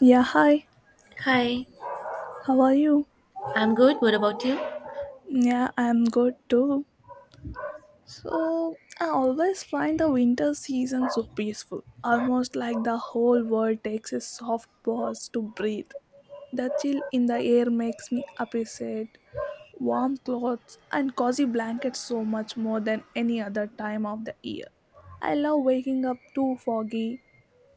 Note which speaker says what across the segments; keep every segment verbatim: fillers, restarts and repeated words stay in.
Speaker 1: Yeah, hi.
Speaker 2: Hi,
Speaker 1: How are you?
Speaker 2: I'm good. What about you?
Speaker 1: Yeah, I'm good too. So, I always find the winter season so peaceful, almost like the whole world takes a soft pause to breathe. The chill in the air makes me appreciate warm clothes and cozy blankets so much more than any other time of the year. I love waking up to foggy,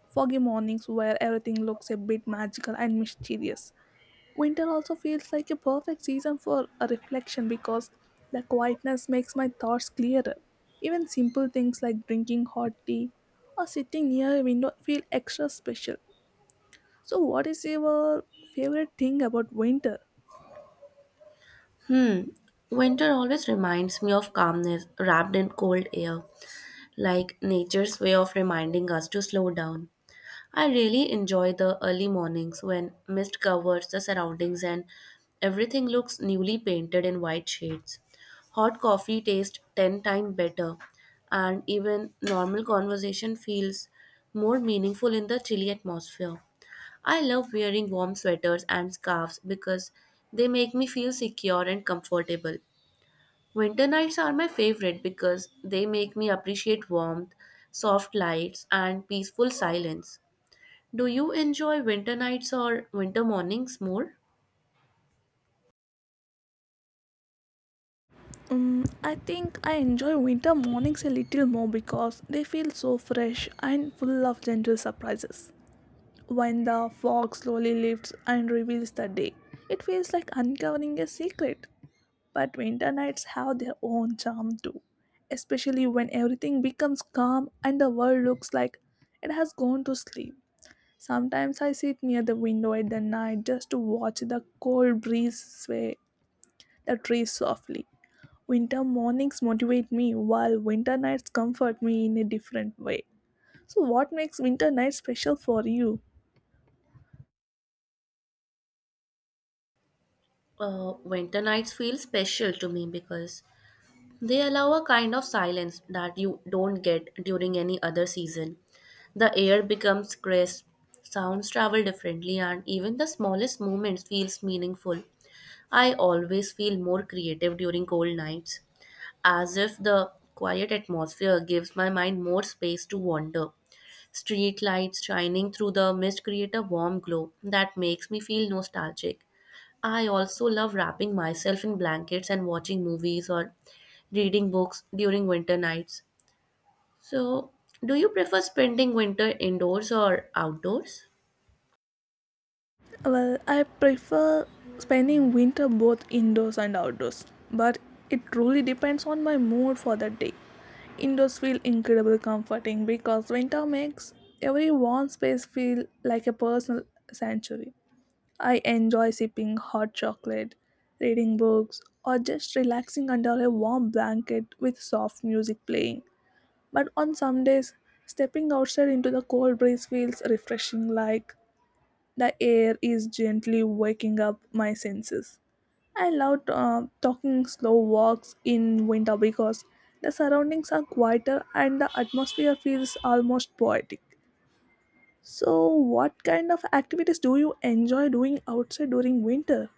Speaker 1: foggy mornings where everything looks a bit magical and mysterious. Winter also feels like a perfect season for a reflection because the quietness makes my thoughts clearer. Even simple things like drinking hot tea or sitting near a window feel extra special. So, what is your favorite thing about winter?
Speaker 2: Hmm. Winter always reminds me of calmness wrapped in cold air, like nature's way of reminding us to slow down. I really enjoy the early mornings when mist covers the surroundings and everything looks newly painted in white shades. Hot coffee tastes ten times better, and even normal conversation feels more meaningful in the chilly atmosphere. I love wearing warm sweaters and scarves because they make me feel secure and comfortable. Winter nights are my favorite because they make me appreciate warmth, soft lights, and peaceful silence. Do you enjoy winter nights or winter mornings more?
Speaker 1: Um, I think I enjoy winter mornings a little more because they feel so fresh and full of gentle surprises. When the fog slowly lifts and reveals the day, it feels like uncovering a secret. But winter nights have their own charm too, especially when everything becomes calm and the world looks like it has gone to sleep. Sometimes I sit near the window at the night just to watch the cold breeze sway the trees softly. Winter mornings motivate me while winter nights comfort me in a different way. So, what makes winter nights special for you?
Speaker 2: Uh, winter nights feel special to me because they allow a kind of silence that you don't get during any other season. The air becomes crisp, sounds travel differently, and even the smallest movements feels meaningful. I always feel more creative during cold nights, as if the quiet atmosphere gives my mind more space to wander. Street lights shining through the mist create a warm glow that makes me feel nostalgic. I also love wrapping myself in blankets and watching movies or reading books during winter nights. So, do you prefer spending winter indoors or outdoors?
Speaker 1: Well, I prefer spending winter both indoors and outdoors, but it truly depends on my mood for the day. Indoors feel incredibly comforting because winter makes every warm space feel like a personal sanctuary. I enjoy sipping hot chocolate, reading books, or just relaxing under a warm blanket with soft music playing. But on some days, stepping outside into the cold breeze feels refreshing, like the air is gently waking up my senses. I love uh, talking slow walks in winter because the surroundings are quieter and the atmosphere feels almost poetic. So, what kind of activities do you enjoy doing outside during winter?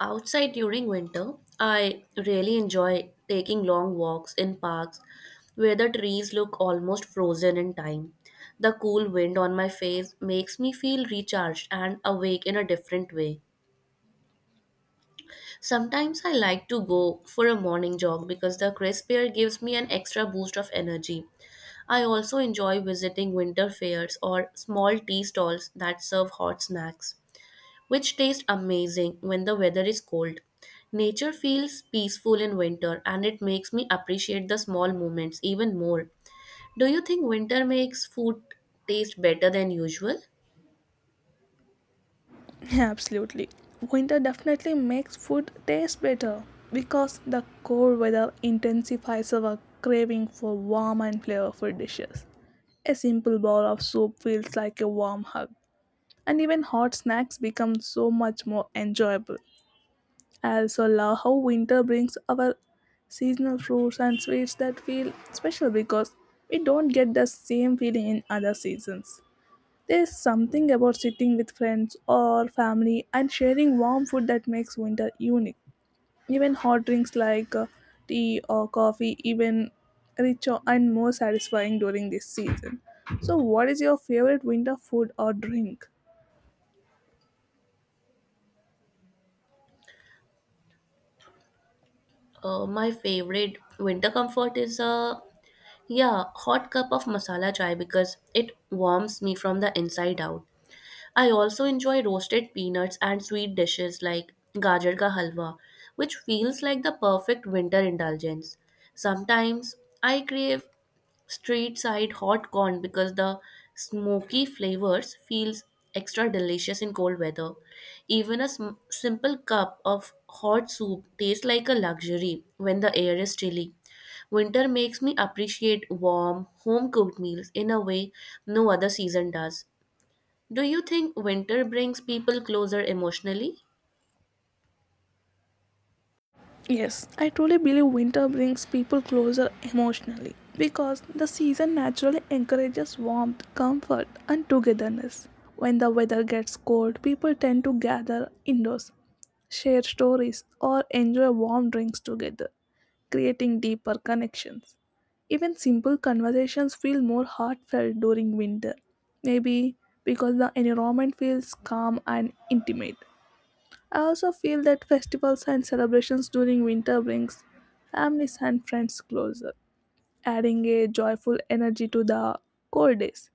Speaker 2: Outside during winter, I really enjoy taking long walks in parks where the trees look almost frozen in time. The cool wind on my face makes me feel recharged and awake in a different way. Sometimes I like to go for a morning jog because the crisp air gives me an extra boost of energy. I also enjoy visiting winter fairs or small tea stalls that serve hot snacks, which taste amazing when the weather is cold. Nature feels peaceful in winter and it makes me appreciate the small moments even more. Do you think winter makes food taste better than usual?
Speaker 1: Absolutely. Winter definitely makes food taste better because the cold weather intensifies our craving for warm and flavorful dishes. A simple bowl of soup feels like a warm hug, and even hot snacks become so much more enjoyable. I also love how winter brings our seasonal fruits and sweets that feel special because we don't get the same feeling in other seasons. There is something about sitting with friends or family and sharing warm food that makes winter unique. Even hot drinks like uh, tea or coffee, even richer and more satisfying during this season. So, what is your favorite winter food or drink?
Speaker 2: Uh, my favorite winter comfort is a, yeah, hot cup of masala chai because it warms me from the inside out. I also enjoy roasted peanuts and sweet dishes like gajar ka halwa, which feels like the perfect winter indulgence. Sometimes I crave street side hot corn because the smoky flavors feels extra delicious in cold weather. Even a sm- simple cup of hot soup tastes like a luxury when the air is chilly. Winter makes me appreciate warm home cooked meals in a way no other season does. Do you think winter brings people closer emotionally?
Speaker 1: Yes, I truly believe winter brings people closer emotionally because the season naturally encourages warmth, comfort, and togetherness. When the weather gets cold, people tend to gather indoors, share stories, or enjoy warm drinks together, creating deeper connections. Even simple conversations feel more heartfelt during winter, maybe because the environment feels calm and intimate. I also feel that festivals and celebrations during winter brings families and friends closer, adding a joyful energy to the cold days.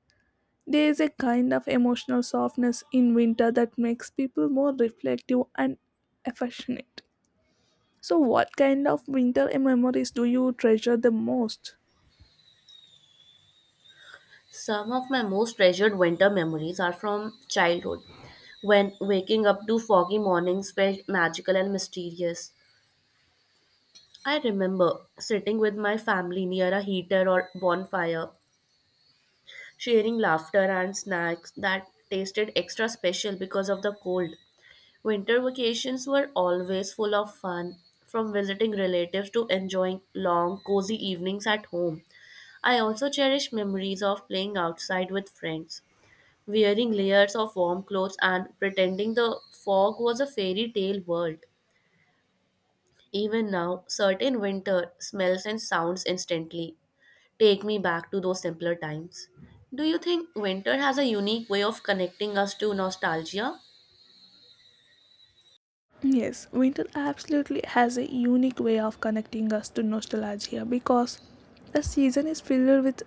Speaker 1: There is a kind of emotional softness in winter that makes people more reflective and affectionate. So, what kind of winter memories do you treasure the most?
Speaker 2: Some of my most treasured winter memories are from childhood, when waking up to foggy mornings felt magical and mysterious. I remember sitting with my family near a heater or bonfire, sharing laughter and snacks that tasted extra special because of the cold. Winter vacations were always full of fun, from visiting relatives to enjoying long, cozy evenings at home. I also cherish memories of playing outside with friends wearing layers of warm clothes and pretending the fog was a fairy tale world. Even now, certain winter smells and sounds instantly take me back to those simpler times. Do you think winter has a unique way of connecting us to nostalgia?
Speaker 1: Yes, winter absolutely has a unique way of connecting us to nostalgia because the season is filled with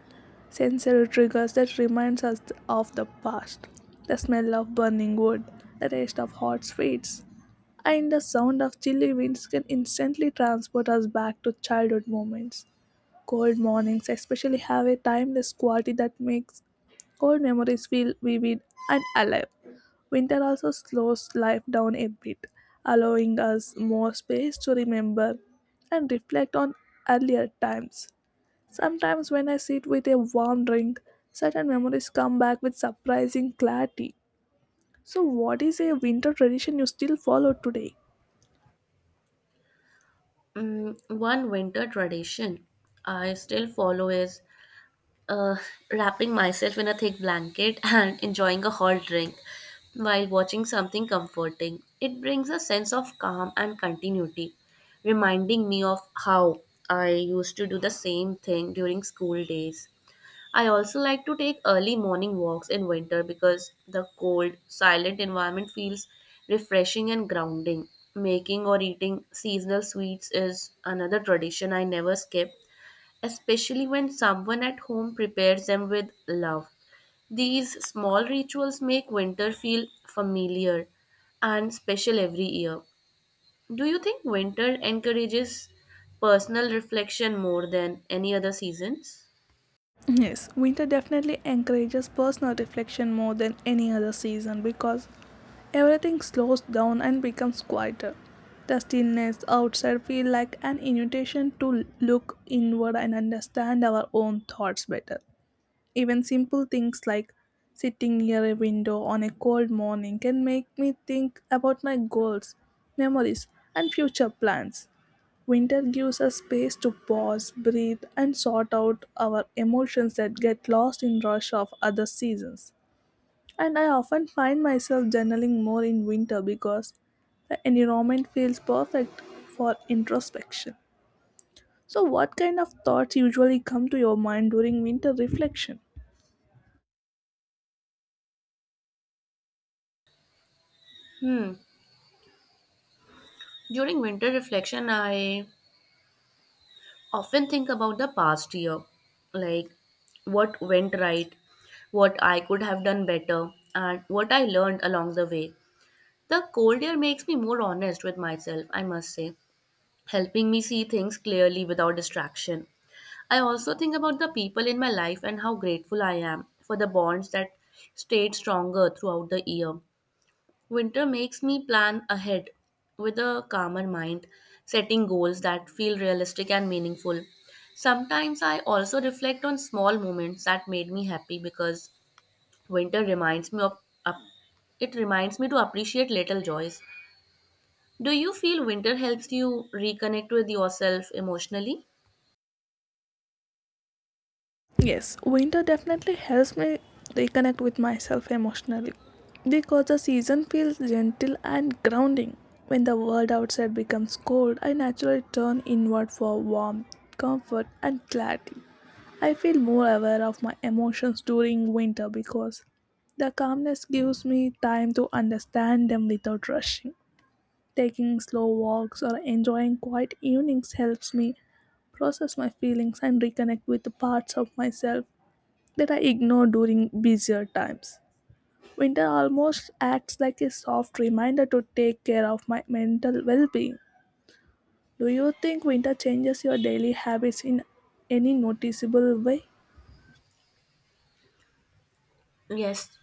Speaker 1: sensory triggers that reminds us of the past. The smell of burning wood, the taste of hot sweets, and the sound of chilly winds can instantly transport us back to childhood moments. Cold mornings, especially, have a timeless quality that makes cold memories feel vivid and alive. Winter also slows life down a bit, allowing us more space to remember and reflect on earlier times. Sometimes, when I sit with a warm drink, certain memories come back with surprising clarity. So, what is a winter tradition you still follow today?
Speaker 2: Mm, one winter tradition I still follow is uh, wrapping myself in a thick blanket and enjoying a hot drink while watching something comforting. It brings a sense of calm and continuity, reminding me of how I used to do the same thing during school days. I also like to take early morning walks in winter because the cold, silent environment feels refreshing and grounding. Making or eating seasonal sweets is another tradition I never skip, especially when someone at home prepares them with love. These small rituals make winter feel familiar and special every year. Do you think winter encourages personal reflection more than any other seasons?
Speaker 1: Yes, winter definitely encourages personal reflection more than any other season because everything slows down and becomes quieter. The stillness outside feels like an invitation to look inward and understand our own thoughts better. Even simple things like sitting near a window on a cold morning can make me think about my goals, memories, and future plans. Winter gives us space to pause, breathe, and sort out our emotions that get lost in rush of other seasons. And I often find myself journaling more in winter because the environment feels perfect for introspection. So, what kind of thoughts usually come to your mind during winter reflection?
Speaker 2: Hmm. During winter reflection, I often think about the past year, like what went right, what I could have done better, and what I learned along the way. The cold air makes me more honest with myself, I must say, helping me see things clearly without distraction. I also think about the people in my life and how grateful I am for the bonds that stayed stronger throughout the year. Winter makes me plan ahead with a calmer mind, setting goals that feel realistic and meaningful. Sometimes I also reflect on small moments that made me happy because winter reminds me of, up- it reminds me to appreciate little joys. Do you feel winter helps you reconnect with yourself emotionally?
Speaker 1: Yes, winter definitely helps me reconnect with myself emotionally because the season feels gentle and grounding. When the world outside becomes cold, I naturally turn inward for warmth, comfort, and clarity. I feel more aware of my emotions during winter because the calmness gives me time to understand them without rushing. Taking slow walks or enjoying quiet evenings helps me process my feelings and reconnect with the parts of myself that I ignore during busier times. Winter almost acts like a soft reminder to take care of my mental well being. Do you think winter changes your daily habits in any noticeable way?
Speaker 2: Yes,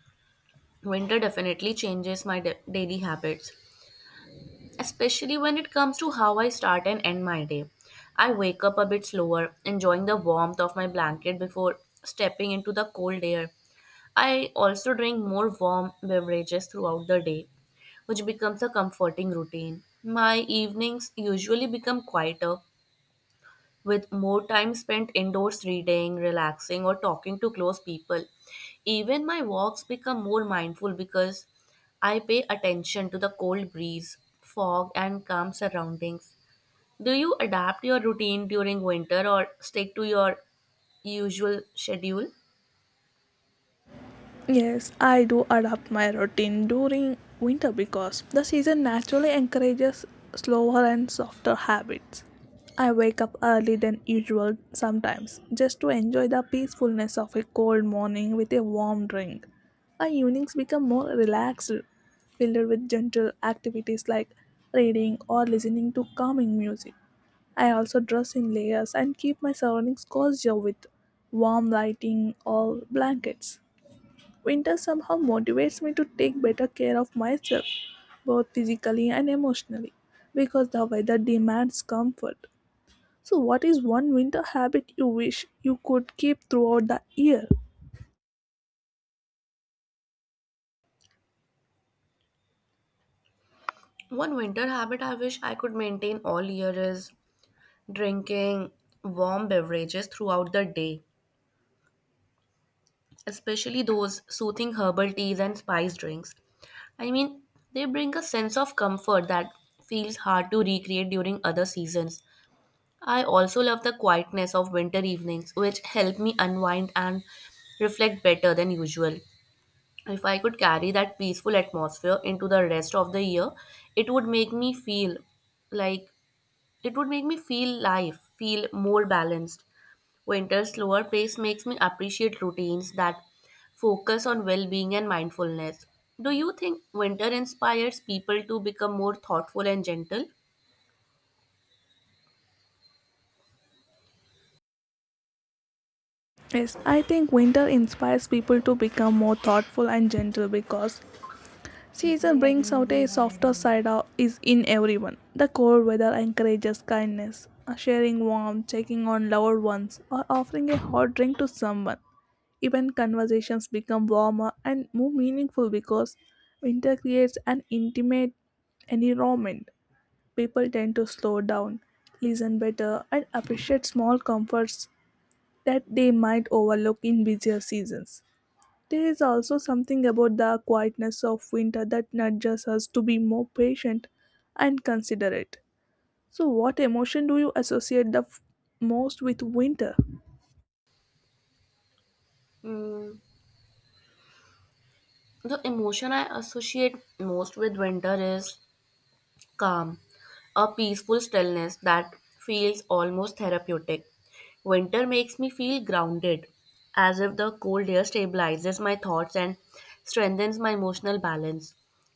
Speaker 2: winter definitely changes my da- daily habits, especially when it comes to how I start and end my day. I wake up a bit slower, enjoying the warmth of my blanket before stepping into the cold air. I also drink more warm beverages throughout the day, which becomes a comforting routine. My evenings usually become quieter, with more time spent indoors reading, relaxing, or talking to close people. Even my walks become more mindful because I pay attention to the cold breeze, fog, and calm surroundings. Do you adapt your routine during winter or stick to your usual schedule?
Speaker 1: Yes, I do adapt my routine during winter because the season naturally encourages slower and softer habits. I wake up early than usual sometimes just to enjoy the peacefulness of a cold morning with a warm drink. My evenings become more relaxed, filled with gentle activities like reading or listening to calming music. I also dress in layers and keep my surroundings cozier with warm lighting or blankets. Winter somehow motivates me to take better care of myself, both physically and emotionally, because the weather demands comfort. So, what is one winter habit you wish you could keep throughout the year?
Speaker 2: One winter habit I wish I could maintain all year is drinking warm beverages throughout the day, especially those soothing herbal teas and spice drinks. I mean, they bring a sense of comfort that feels hard to recreate during other seasons. I also love the quietness of winter evenings, which help me unwind and reflect better than usual. If I could carry that peaceful atmosphere into the rest of the year, it would make me feel like it would make me feel life, feel more balanced. Winter's slower pace makes me appreciate routines that focus on well being and mindfulness. Do you think winter inspires people to become more thoughtful and gentle?
Speaker 1: Yes, I think winter inspires people to become more thoughtful and gentle because Season brings out a softer side of is in everyone. The cold weather encourages kindness, uh, sharing warmth, checking on loved ones, or offering a hot drink to someone. Even conversations become warmer and more meaningful because winter creates an intimate environment. People tend to slow down, listen better, and appreciate small comforts that they might overlook in busier seasons. There is also something about the quietness of winter that nudges us to be more patient and considerate. So, what emotion do you associate the f- most with winter?
Speaker 2: Mm, the emotion I associate most with winter is calm, a peaceful stillness that feels almost therapeutic. Winter makes me feel grounded, as if the cold air stabilizes my thoughts and strengthens my emotional balance.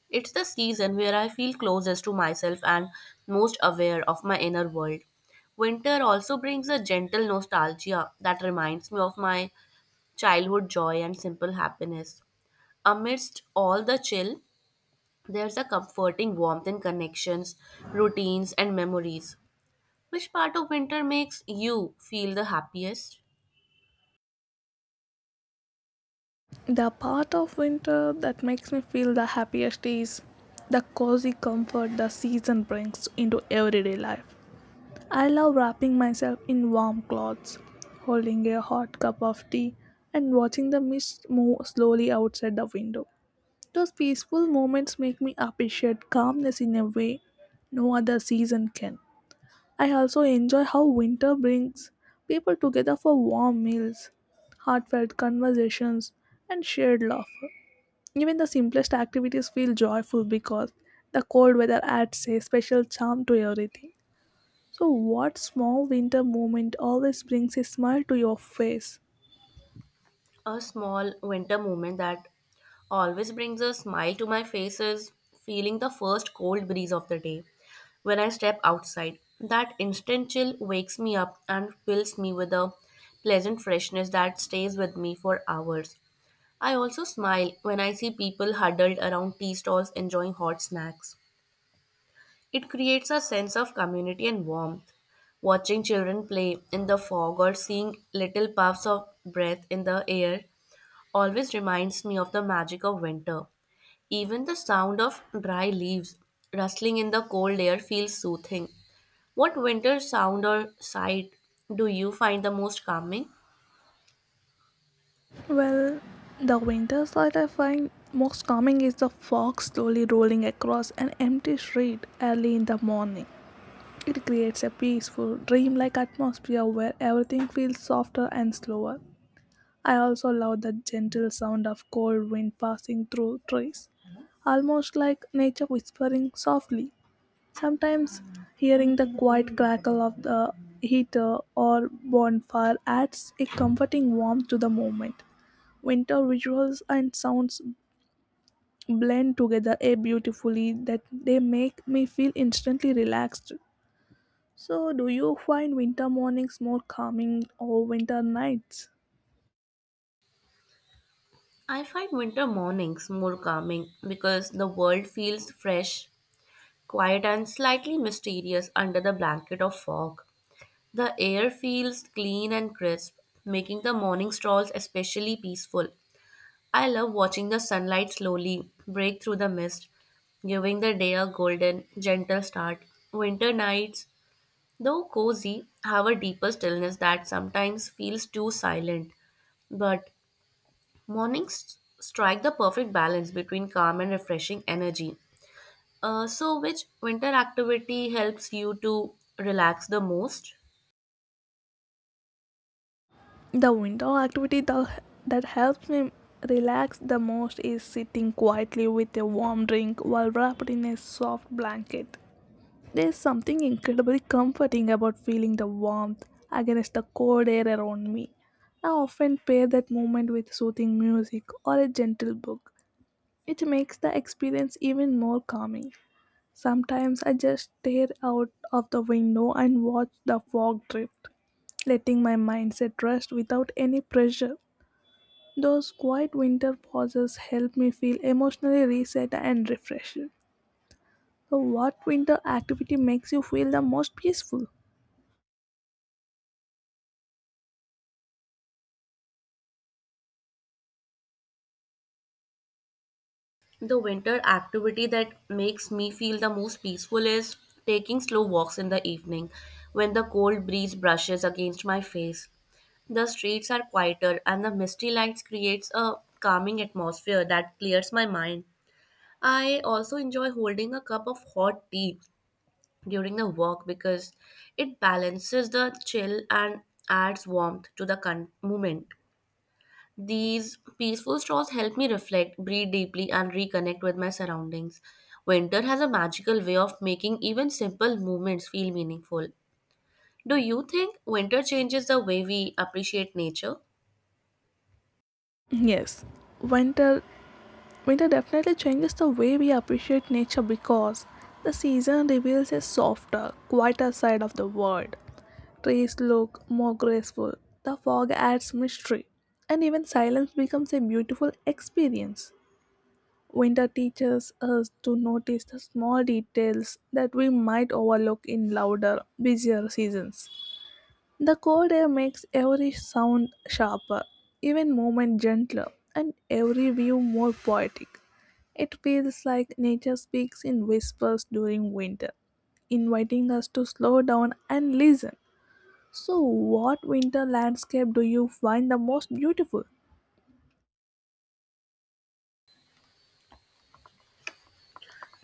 Speaker 2: It's the season where I feel closest to myself and most aware of my inner world. Winter also brings a gentle nostalgia that reminds me of my childhood joy and simple happiness. Amidst all the chill, there's a comforting warmth in connections, routines, and memories. Which part of winter makes you feel the happiest?
Speaker 1: The part of winter that makes me feel the happiest is the cozy comfort the season brings into everyday life. I love wrapping myself in warm clothes, holding a hot cup of tea, and watching the mist move slowly outside the window. Those peaceful moments make me appreciate calmness in a way no other season can. I also enjoy how winter brings people together for warm meals, heartfelt conversations, and shared laughter. Even the simplest activities feel joyful because the cold weather adds a special charm to everything. So, what small winter moment always brings a smile to your face?
Speaker 2: A small winter moment that always brings a smile to my face is feeling the first cold breeze of the day. When I step outside, that instant chill wakes me up and fills me with a pleasant freshness that stays with me for hours. I also smile when I see people huddled around tea stalls enjoying hot snacks. It creates a sense of community and warmth. Watching children play in the fog or seeing little puffs of breath in the air always reminds me of the magic of winter. Even the sound of dry leaves rustling in the cold air feels soothing. What winter sound or sight do you find the most calming?
Speaker 1: Well, the winter sight I find most calming is the fog slowly rolling across an empty street early in the morning. It creates a peaceful, dreamlike atmosphere where everything feels softer and slower. I also love the gentle sound of cold wind passing through trees, almost like nature whispering softly. Sometimes hearing the quiet crackle of the heater or bonfire adds a comforting warmth to the moment. Winter visuals and sounds blend together a beautifully that they make me feel instantly relaxed. So, do you find winter mornings more calming or winter nights?
Speaker 2: I find winter mornings more calming because the world feels fresh, quiet, and slightly mysterious under the blanket of fog. The air feels clean and crisp, making the morning strolls especially peaceful. I love watching the sunlight slowly break through the mist, giving the day a golden, gentle start. Winter nights, though cozy, have a deeper stillness that sometimes feels too silent. But mornings strike the perfect balance between calm and refreshing energy. Uh, so, which winter activity helps you to relax the most?
Speaker 1: The winter activity that, that helps me relax the most is sitting quietly with a warm drink while wrapped in a soft blanket. There's something incredibly comforting about feeling the warmth against the cold air around me. I often pair that moment with soothing music or a gentle book, which makes the experience even more calming. Sometimes I just stare out of the window and watch the fog drift, letting my mindset rest without any pressure. Those quiet winter pauses help me feel emotionally reset and refreshed. So, what winter activity makes you feel the most peaceful?
Speaker 2: The winter activity that makes me feel the most peaceful is taking slow walks in the evening when the cold breeze brushes against my face. The streets are quieter and the misty lights creates a calming atmosphere that clears my mind. I also enjoy holding a cup of hot tea during the walk because it balances the chill and adds warmth to the con- moment. These peaceful strolls help me reflect, breathe deeply, and reconnect with my surroundings. Winter has a magical way of making even simple movements feel meaningful. Do you think winter changes the way we appreciate nature?
Speaker 1: Yes, winter winter definitely changes the way we appreciate nature because the season reveals a softer, quieter side of the world. Trees look more graceful, the fog adds mystery, and even silence becomes a beautiful experience. Winter teaches us to notice the small details that we might overlook in louder, busier seasons. The cold air makes every sound sharper, even movement gentler, and every view more poetic. It feels like nature speaks in whispers during winter, inviting us to slow down and listen. So, what winter landscape do you find the most beautiful?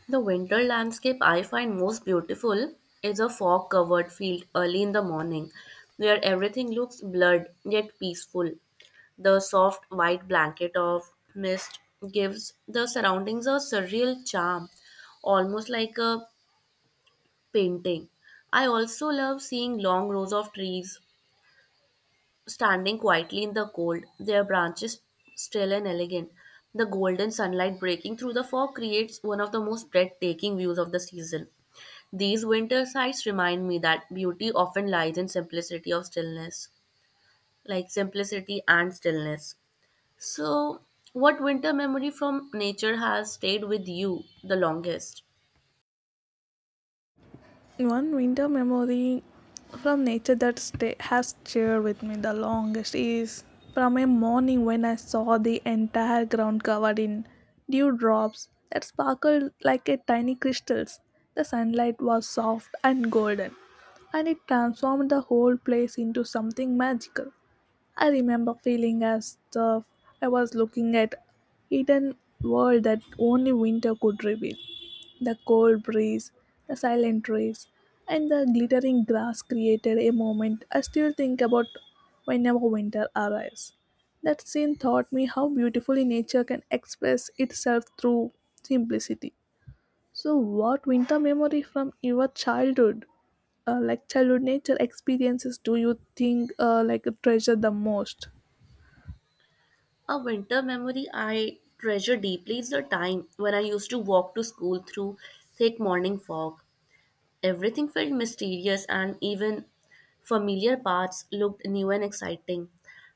Speaker 2: The winter landscape I find most beautiful is a fog covered field early in the morning where everything looks blurred yet peaceful. The soft white blanket of mist gives the surroundings a surreal charm, almost like a painting. I also love seeing long rows of trees standing quietly in the cold, their branches still and elegant. The golden sunlight breaking through the fog creates one of the most breathtaking views of the season. These winter sights remind me that beauty often lies in simplicity of stillness, like simplicity and stillness. So, what winter memory from nature has stayed with you the longest?
Speaker 1: One winter memory from nature that stay, has stayed with me the longest is from a morning when I saw the entire ground covered in dewdrops that sparkled like a tiny crystals. The sunlight was soft and golden, and it transformed the whole place into something magical. I remember feeling as though I was looking at hidden world that only winter could reveal. The cold breeze, the silent trees, and the glittering grass created a moment I still think about whenever winter arrives. That scene taught me how beautifully nature can express itself through simplicity. So, what winter memory from your childhood, uh, like childhood nature experiences, do you think uh, like treasure the most?
Speaker 2: A winter memory I treasure deeply is the time when I used to walk to school through thick morning fog. Everything felt mysterious, and even familiar paths looked new and exciting.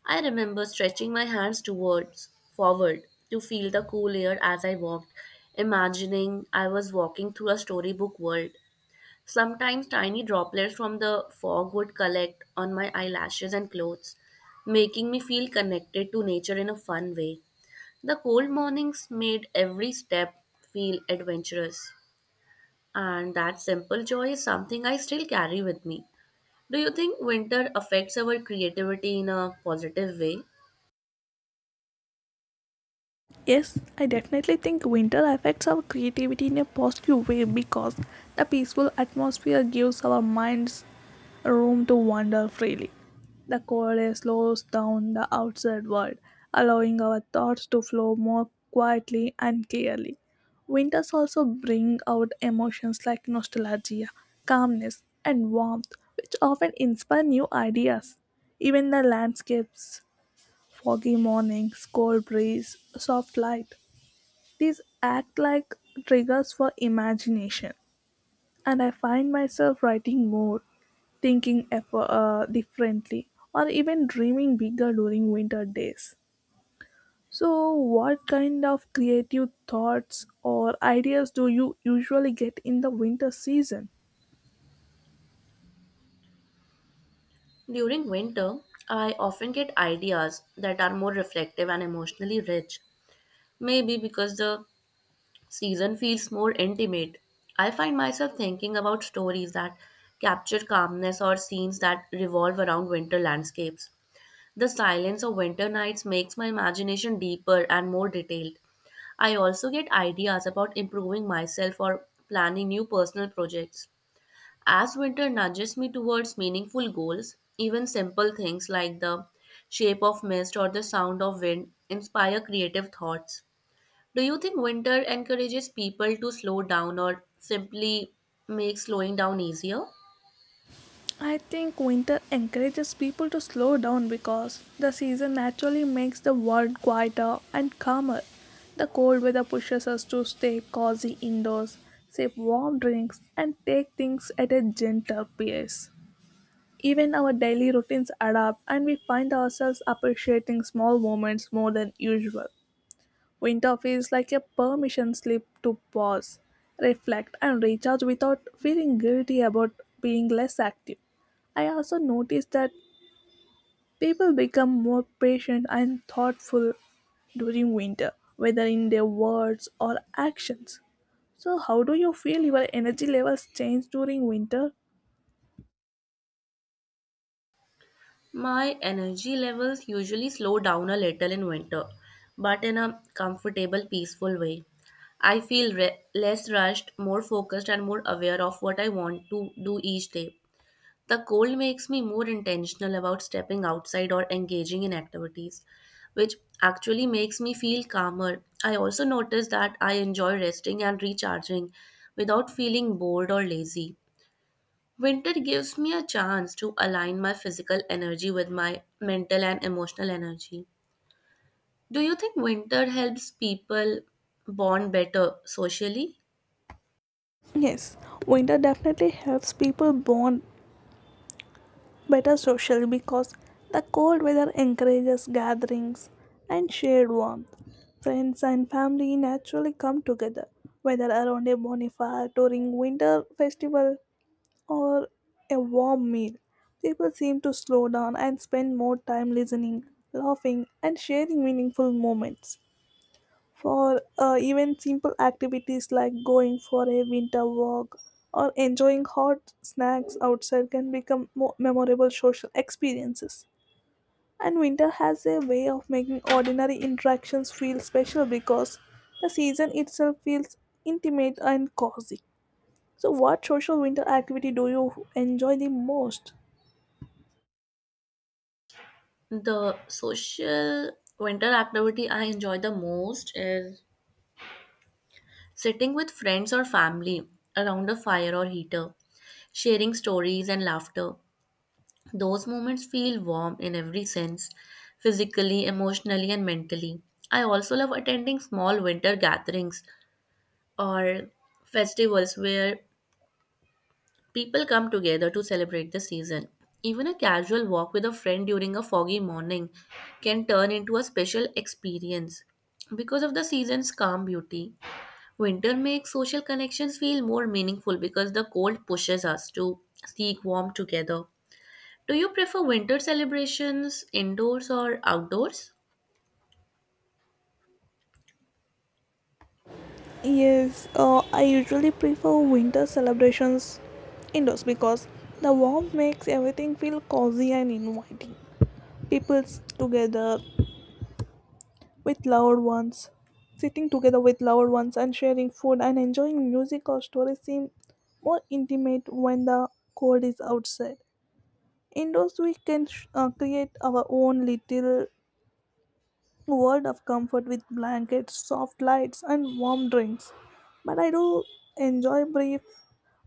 Speaker 2: I remember stretching my hands towards forward to feel the cool air as I walked, imagining I was walking through a storybook world. Sometimes tiny droplets from the fog would collect on my eyelashes and clothes, making me feel connected to nature in a fun way. The cold mornings made every step feel adventurous, and that simple joy is something I still carry with me. Do you think winter affects our creativity in a positive way?
Speaker 1: Yes, I definitely think winter affects our creativity in a positive way because the peaceful atmosphere gives our minds room to wander freely. The cold air slows down the outside world, allowing our thoughts to flow more quietly and clearly. Winters also bring out emotions like nostalgia, calmness, and warmth, which often inspire new ideas. Even the landscapes Foggy mornings, cold breeze, soft light. These act like triggers for imagination, and I find myself writing more, thinking effo- uh, differently, or even dreaming bigger during winter days. So, what kind of creative thoughts or ideas do you usually get in the winter season?
Speaker 2: During winter, I often get ideas that are more reflective and emotionally rich. Maybe because the season feels more intimate. I find myself thinking about stories that capture calmness or scenes that revolve around winter landscapes. The silence of winter nights makes my imagination deeper and more detailed. I also get ideas about improving myself or planning new personal projects. As winter nudges me towards meaningful goals, even simple things like the shape of mist or the sound of wind inspire creative thoughts. Do you think winter encourages people to slow down or simply makes slowing down easier?
Speaker 1: I think winter encourages people to slow down because the season naturally makes the world quieter and calmer. The cold weather pushes us to stay cozy indoors, sip warm drinks, and take things at a gentle pace. Even our daily routines adapt, and we find ourselves appreciating small moments more than usual. Winter feels like a permission slip to pause, reflect, and recharge without feeling guilty about being less active. I also noticed that people become more patient and thoughtful during winter, whether in their words or actions. So, how do you feel your energy levels change during winter?
Speaker 2: My energy levels usually slow down a little in winter, but in a comfortable, peaceful way. I feel re- less rushed, more focused, and more aware of what I want to do each day. The cold makes me more intentional about stepping outside or engaging in activities, which actually makes me feel calmer. I also notice that I enjoy resting and recharging without feeling bored or lazy. Winter gives me a chance to align my physical energy with my mental and emotional energy. Do you think winter helps people bond better socially?
Speaker 1: Yes, winter definitely helps people bond better social because the cold weather encourages gatherings and shared warmth. Friends and family naturally come together, whether around a bonfire during winter festival or a warm meal. People seem to slow down and spend more time listening, laughing, and sharing meaningful moments. For uh, even simple activities like going for a winter walk or enjoying hot snacks outside can become more memorable social experiences. And winter has a way of making ordinary interactions feel special because the season itself feels intimate and cozy. So, what social winter activity do you enjoy the most?
Speaker 2: The social winter activity I enjoy the most is sitting with friends or family around a fire or heater, sharing stories and laughter. Those moments feel warm in every sense, physically, emotionally, and mentally. I also love attending small winter gatherings or festivals where people come together to celebrate the season. Even a casual walk with a friend during a foggy morning can turn into a special experience. Because of the season's calm beauty, winter makes social connections feel more meaningful because the cold pushes us to seek warmth together. Do you prefer winter celebrations indoors or outdoors?
Speaker 1: Yes, uh, I usually prefer winter celebrations indoors because the warmth makes everything feel cozy and inviting. People's together with loved ones, sitting together with loved ones and sharing food and enjoying music or stories seem more intimate when the cold is outside. Indoors, we can sh- uh, create our own little world of comfort with blankets, soft lights, and warm drinks but I do enjoy brief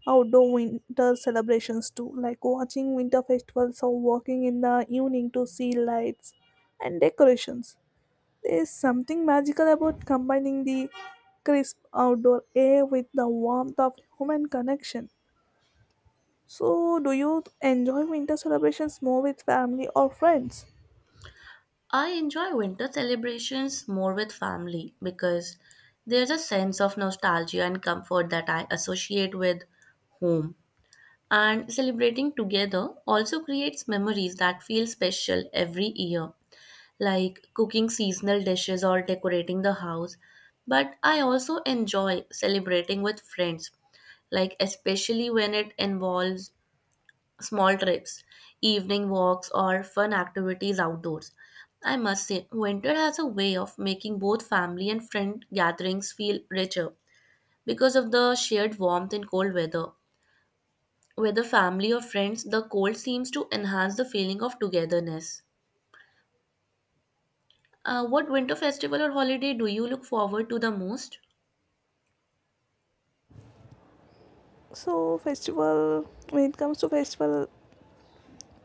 Speaker 1: outdoor winter celebrations too, like watching winter festivals or walking in the evening to see lights and decorations. There is something magical about combining the crisp outdoor air with the warmth of human connection. So, do you enjoy winter celebrations more with family or friends?
Speaker 2: I enjoy winter celebrations more with family because there's a sense of nostalgia and comfort that I associate with home. And celebrating together also creates memories that feel special every year, like cooking seasonal dishes or decorating the house. But I also enjoy celebrating with friends, like especially when it involves small trips, evening walks, or fun activities outdoors. I must say, winter has a way of making both family and friend gatherings feel richer because of the shared warmth in cold weather. Whether family or friends, the cold seems to enhance the feeling of togetherness. Uh, what winter festival or holiday do you look forward to the most?
Speaker 1: So, festival, when it comes to festival,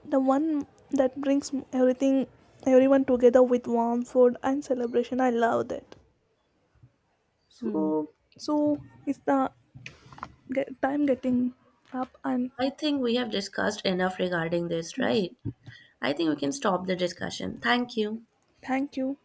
Speaker 1: the one that brings everything, everyone together with warm food and celebration, I love that.
Speaker 2: Hmm.
Speaker 1: So, so is the ge- time getting up? And
Speaker 2: I think we have discussed enough regarding this,
Speaker 1: yes,
Speaker 2: right? I think we can stop the discussion. Thank you.
Speaker 1: thank you.